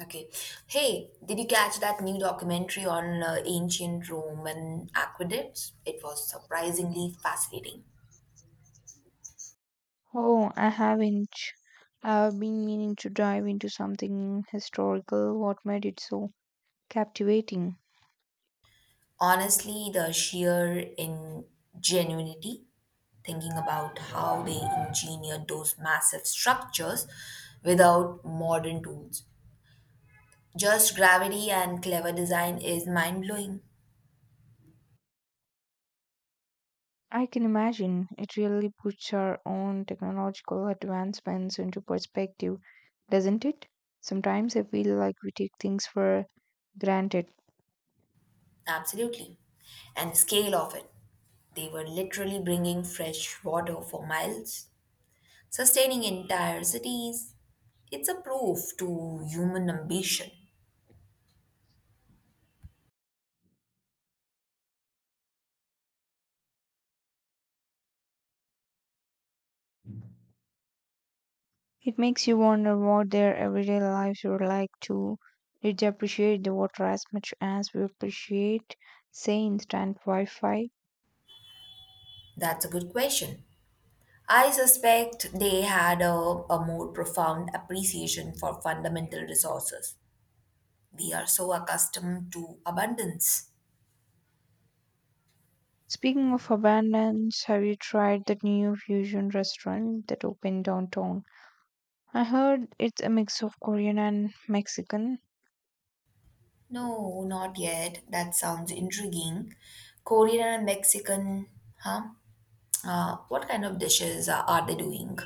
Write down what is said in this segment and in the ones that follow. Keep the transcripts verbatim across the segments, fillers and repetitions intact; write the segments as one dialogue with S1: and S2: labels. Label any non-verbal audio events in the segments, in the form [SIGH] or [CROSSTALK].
S1: Okay. Hey, did you catch that new documentary on uh, ancient Roman aqueducts? It was surprisingly fascinating.
S2: Oh, I haven't. I've been meaning to dive into something historical. What made it so captivating?
S1: Honestly, the sheer ingenuity, thinking about how they engineered those massive structures without modern tools. Just gravity and clever design is mind blowing.
S2: I can imagine it really puts our own technological advancements into perspective, doesn't it? Sometimes I feel like we take things for granted.
S1: Absolutely. And the scale of it. They were literally bringing fresh water for miles, sustaining entire cities. It's a proof to human ambition.
S2: It makes you wonder what their everyday lives were like too. Did they appreciate the water as much as we appreciate, say, instant Wi Fi?
S1: That's a good question. I suspect they had a, a more profound appreciation for fundamental resources. We are so accustomed to abundance.
S2: Speaking of abundance, have you tried that new fusion restaurant that opened downtown? I heard it's a mix of Korean and Mexican.
S1: No, not yet. That sounds intriguing. Korean and Mexican, huh? Uh, what kind of dishes are, are they doing?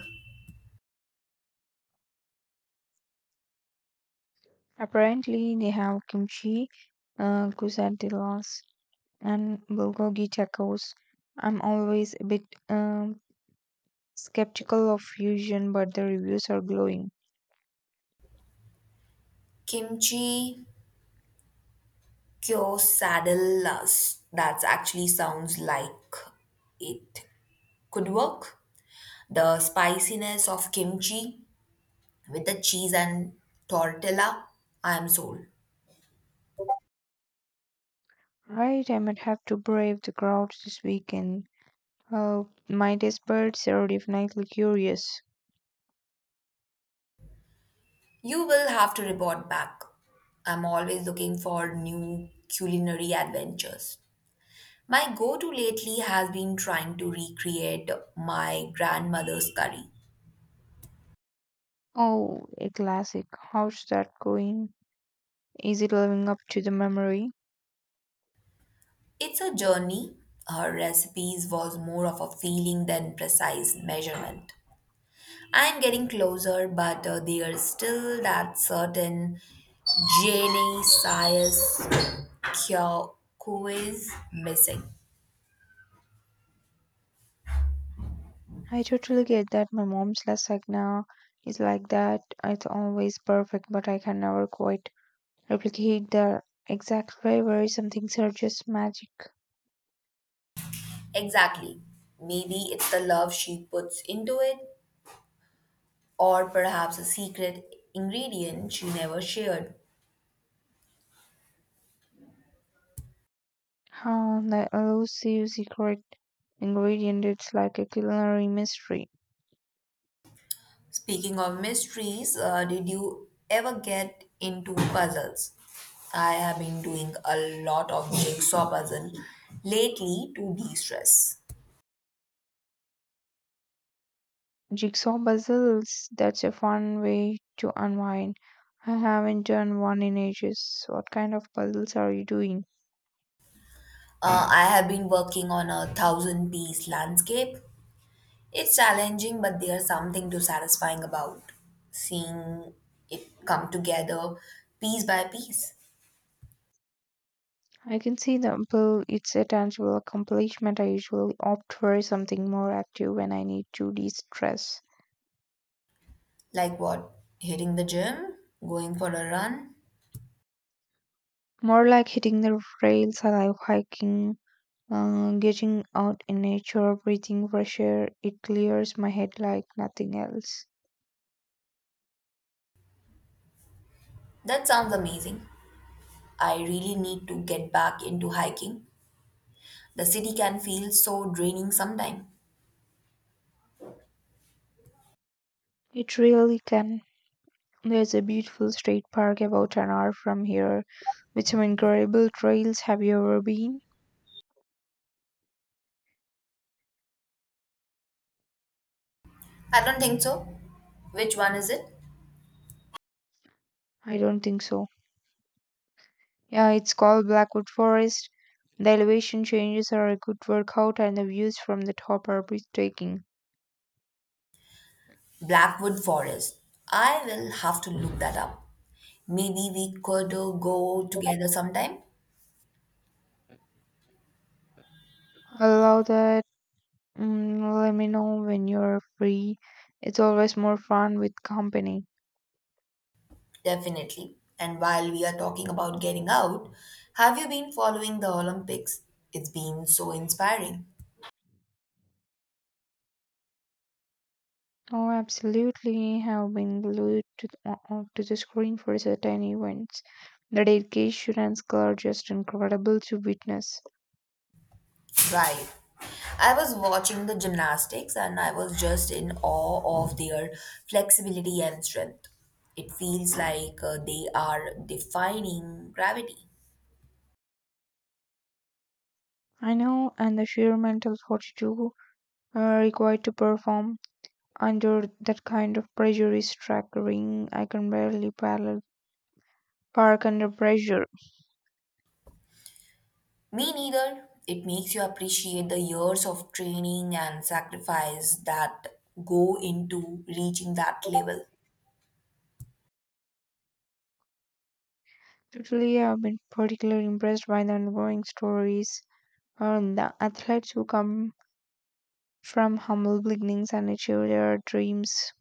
S2: Apparently, they have kimchi, uh, quesadillas, and bulgogi tacos. I'm always a bit um, skeptical of fusion, but the reviews are glowing.
S1: Kimchi kyosadillas. That actually sounds like it could work. The spiciness of kimchi with the cheese and tortilla, I am sold.
S2: Right, I might have to brave the crowds this weekend. Oh, my taste buds are definitely curious.
S1: You will have to report back. I'm always looking for new culinary adventures. My go to lately has been trying to recreate my grandmother's curry.
S2: Oh, a classic. How's that going? Is it living up to the memory?
S1: It's a journey. Her recipes was more of a feeling than precise measurement. I'm getting closer, but uh, there's still that certain Jenny Sias cure who is missing.
S2: I totally get that. My mom's lasagna is like that. It's always perfect, but I can never quite replicate the exact flavor. Some things are just magic.
S1: Exactly. Maybe it's the love she puts into it, or perhaps a secret ingredient she never shared.
S2: How the elusive secret ingredient, it's like a culinary mystery.
S1: Speaking of mysteries, uh, did you ever get into puzzles? I have been doing a lot of jigsaw puzzle lately to de-stress.
S2: Jigsaw puzzles, that's a fun way to unwind. I haven't done one in ages. What kind of puzzles are you doing?
S1: Uh, I have been working on a thousand piece landscape. It's challenging, but there's something to satisfying about seeing it come together piece by piece.
S2: I can see the appeal. It's a tangible accomplishment. I usually opt for something more active when I need to de stress.
S1: Like what? Hitting the gym, going for a run.
S2: More like hitting the trails, I like hiking, uh, getting out in nature, breathing fresh air. It clears my head like nothing else.
S1: That sounds amazing. I really need to get back into hiking. The city can feel so draining sometimes.
S2: It really can. There's a beautiful state park about an hour from here with some incredible trails. Have you ever been?
S1: I don't think so. Which one is it?
S2: I don't think so. Yeah, it's called Blackwood Forest. The elevation changes are a good workout, and the views from the top are breathtaking.
S1: Blackwood Forest. I will have to look that up. Maybe we could uh, go together sometime.
S2: I love that. Mm, let me know when you're free. It's always more fun with company.
S1: Definitely. And while we are talking about getting out, have you been following the Olympics? It's been so inspiring.
S2: Oh, absolutely. Have been glued to the, uh, to the screen for certain events. The dedication and skill are just incredible to witness.
S1: Right. I was watching the gymnastics and I was just in awe of their flexibility and strength. It feels like uh, they are defying gravity.
S2: I know, and the sheer mental fortitude uh, required to perform under that kind of pressure is staggering. I can barely parallel park under pressure.
S1: Me neither. It makes you appreciate the years of training and sacrifice that go into reaching that level.
S2: Totally, I've been particularly impressed by the ongoing stories on the athletes who come from humble beginnings and achieve their dreams.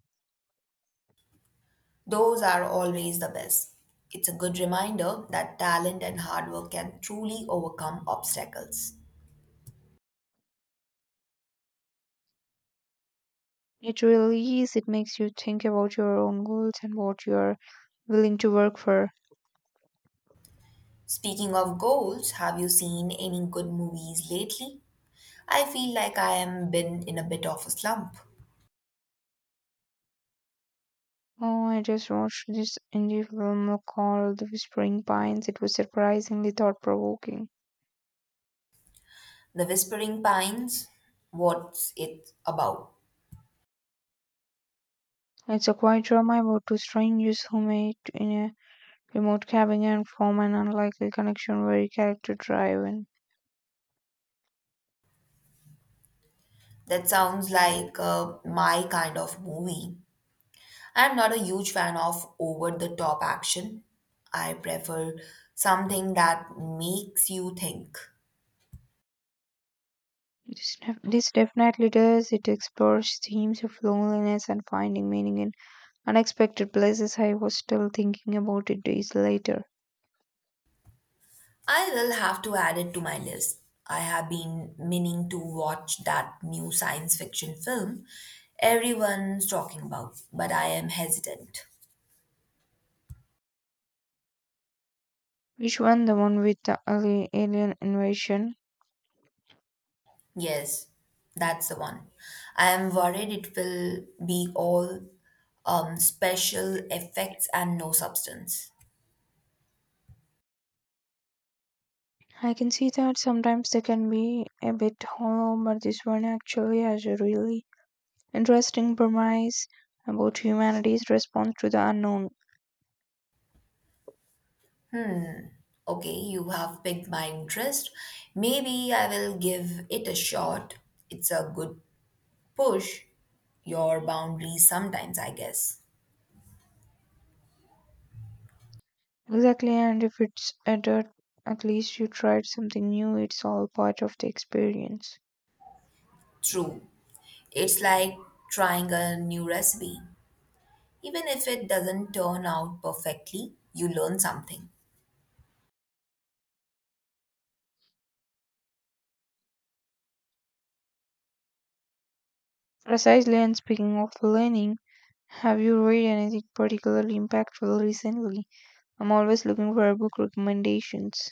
S1: Those are always the best. It's a good reminder that talent and hard work can truly overcome obstacles.
S2: It really is. It makes you think about your own goals and what you're willing to work for.
S1: Speaking of goals, have you seen any good movies lately? I feel like I am been in a bit of a slump.
S2: Oh, I just watched this indie film called The Whispering Pines. It was surprisingly thought provoking.
S1: The Whispering Pines, what's it about?
S2: It's a quiet drama about two strangers who meet in a remote cabin and form an unlikely connection very character driven.
S1: That sounds like uh, my kind of movie. I'm not a huge fan of over the top action. I prefer something that makes you think.
S2: This, def- this definitely does. It explores themes of loneliness and finding meaning in unexpected places. I was still thinking about it days later.
S1: I will have to add it to my list. I have been meaning to watch that new science fiction film everyone's talking about, but I am hesitant.
S2: Which one? The one with the ali- alien invasion?
S1: Yes, that's the one. I am worried it will be all um, special effects and no substance.
S2: I can see that sometimes they can be a bit hollow, but this one actually has a really interesting premise about humanity's response to the unknown.
S1: Okay, you have piqued my interest. Maybe I will give it a shot. It's a good push. Your boundaries sometimes, I guess.
S2: Exactly, and if it's adult, at least you tried something new. It's all part of the experience.
S1: True. It's like trying a new recipe. Even if it doesn't turn out perfectly, you learn something.
S2: Precisely, and speaking of learning, have you read anything particularly impactful recently? I'm always looking for book recommendations.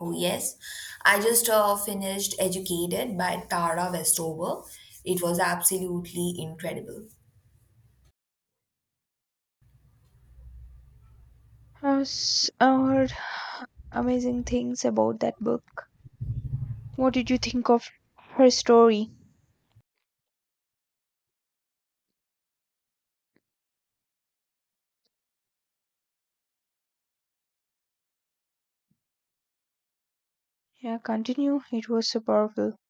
S1: Oh, yes. I just uh, finished Educated by Tara Westover. It was absolutely incredible.
S2: I've s- I've heard [SIGHS] amazing things about that book. What did you think of her story? Yeah, continue. It was so powerful.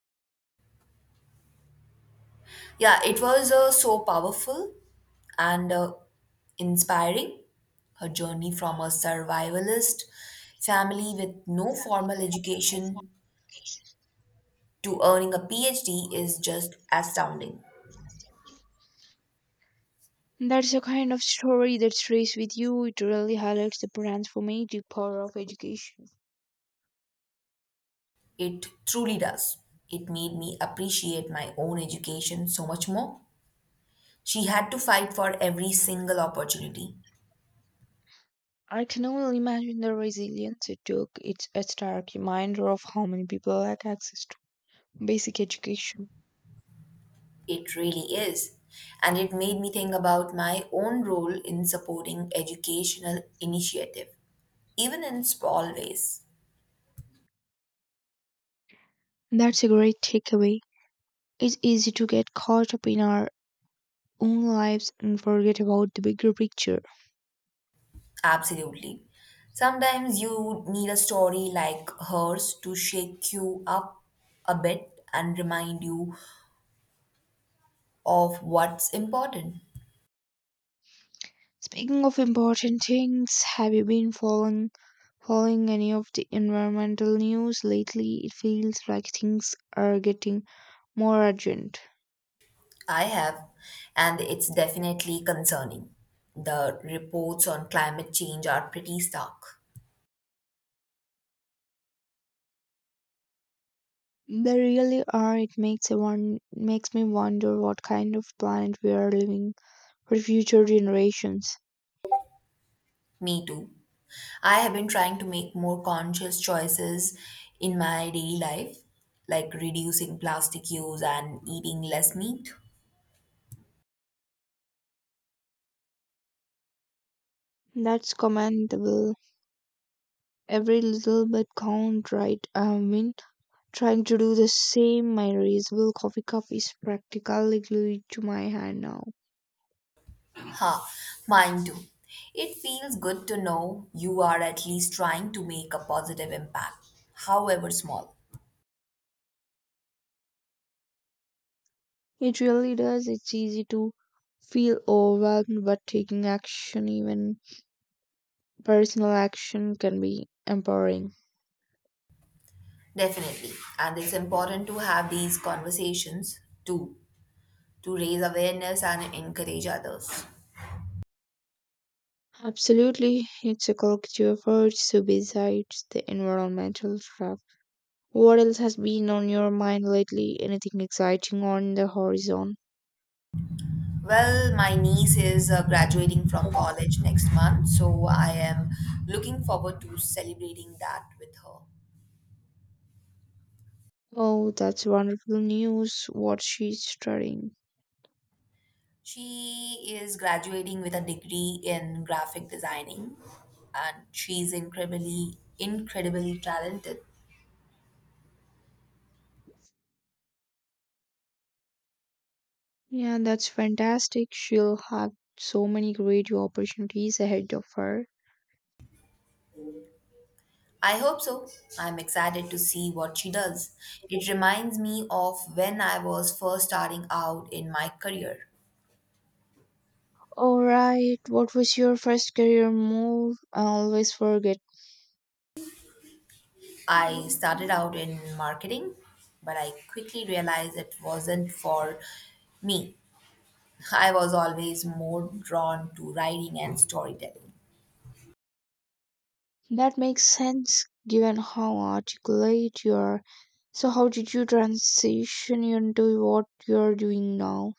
S1: Yeah, it was uh, so powerful and uh, inspiring. Her journey from a survivalist family with no formal education to earning a P H D is just astounding.
S2: That's the kind of story that stays with you. It really highlights the transformative power of education.
S1: It truly does. It made me appreciate my own education so much more. She had to fight for every single opportunity.
S2: I can only imagine the resilience it took. It's a stark reminder of how many people lack access to basic education.
S1: It really is. And it made me think about my own role in supporting educational initiative, even in small ways.
S2: That's a great takeaway. It's easy to get caught up in our own lives and forget about the bigger picture.
S1: Absolutely. Sometimes you need a story like hers to shake you up a bit and remind you of what's important.
S2: Speaking of important things, have you been following following any of the environmental news lately? It feels like things are getting more urgent.
S1: I have, and it's definitely concerning. The reports on climate change are pretty stark.
S2: They really are. It makes a one makes me wonder what kind of planet we are living for future generations.
S1: Me too. I have been trying to make more conscious choices in my daily life, like reducing plastic use and eating less meat.
S2: That's commendable. Every little bit count, right? I mean, trying to do the same, my reusable coffee cup is practically glued to my hand now.
S1: Ha, mine too. It feels good to know you are at least trying to make a positive impact, however small.
S2: It really does. It's easy to feel overwhelmed, but taking action, even personal action, can be empowering.
S1: Definitely. And it's important to have these conversations too to raise awareness and encourage others.
S2: Absolutely, it's a collective effort. So, besides the environmental stuff, what else has been on your mind lately? Anything exciting on the horizon?
S1: Well, my niece is uh, graduating from college next month, so I am looking forward to celebrating that with her.
S2: Oh, that's wonderful news. What she's studying.
S1: She is graduating with a degree in graphic designing, and she's incredibly, incredibly talented.
S2: Yeah, that's fantastic. She'll have so many great opportunities ahead of her.
S1: I hope so. I'm excited to see what she does. It reminds me of when I was first starting out in my career.
S2: All right, what was your first career move? I always forget.
S1: I started out in marketing, but I quickly realized it wasn't for me. I was always more drawn to writing and storytelling.
S2: That makes sense given how articulate you are. So, how did you transition into what you're doing now?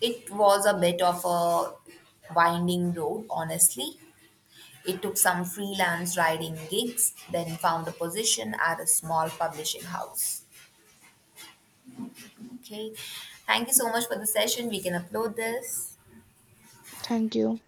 S1: It was a bit of a winding road, honestly. It took some freelance writing gigs, then found a position at a small publishing house. Okay, thank you so much for the session. We can upload this.
S2: Thank you.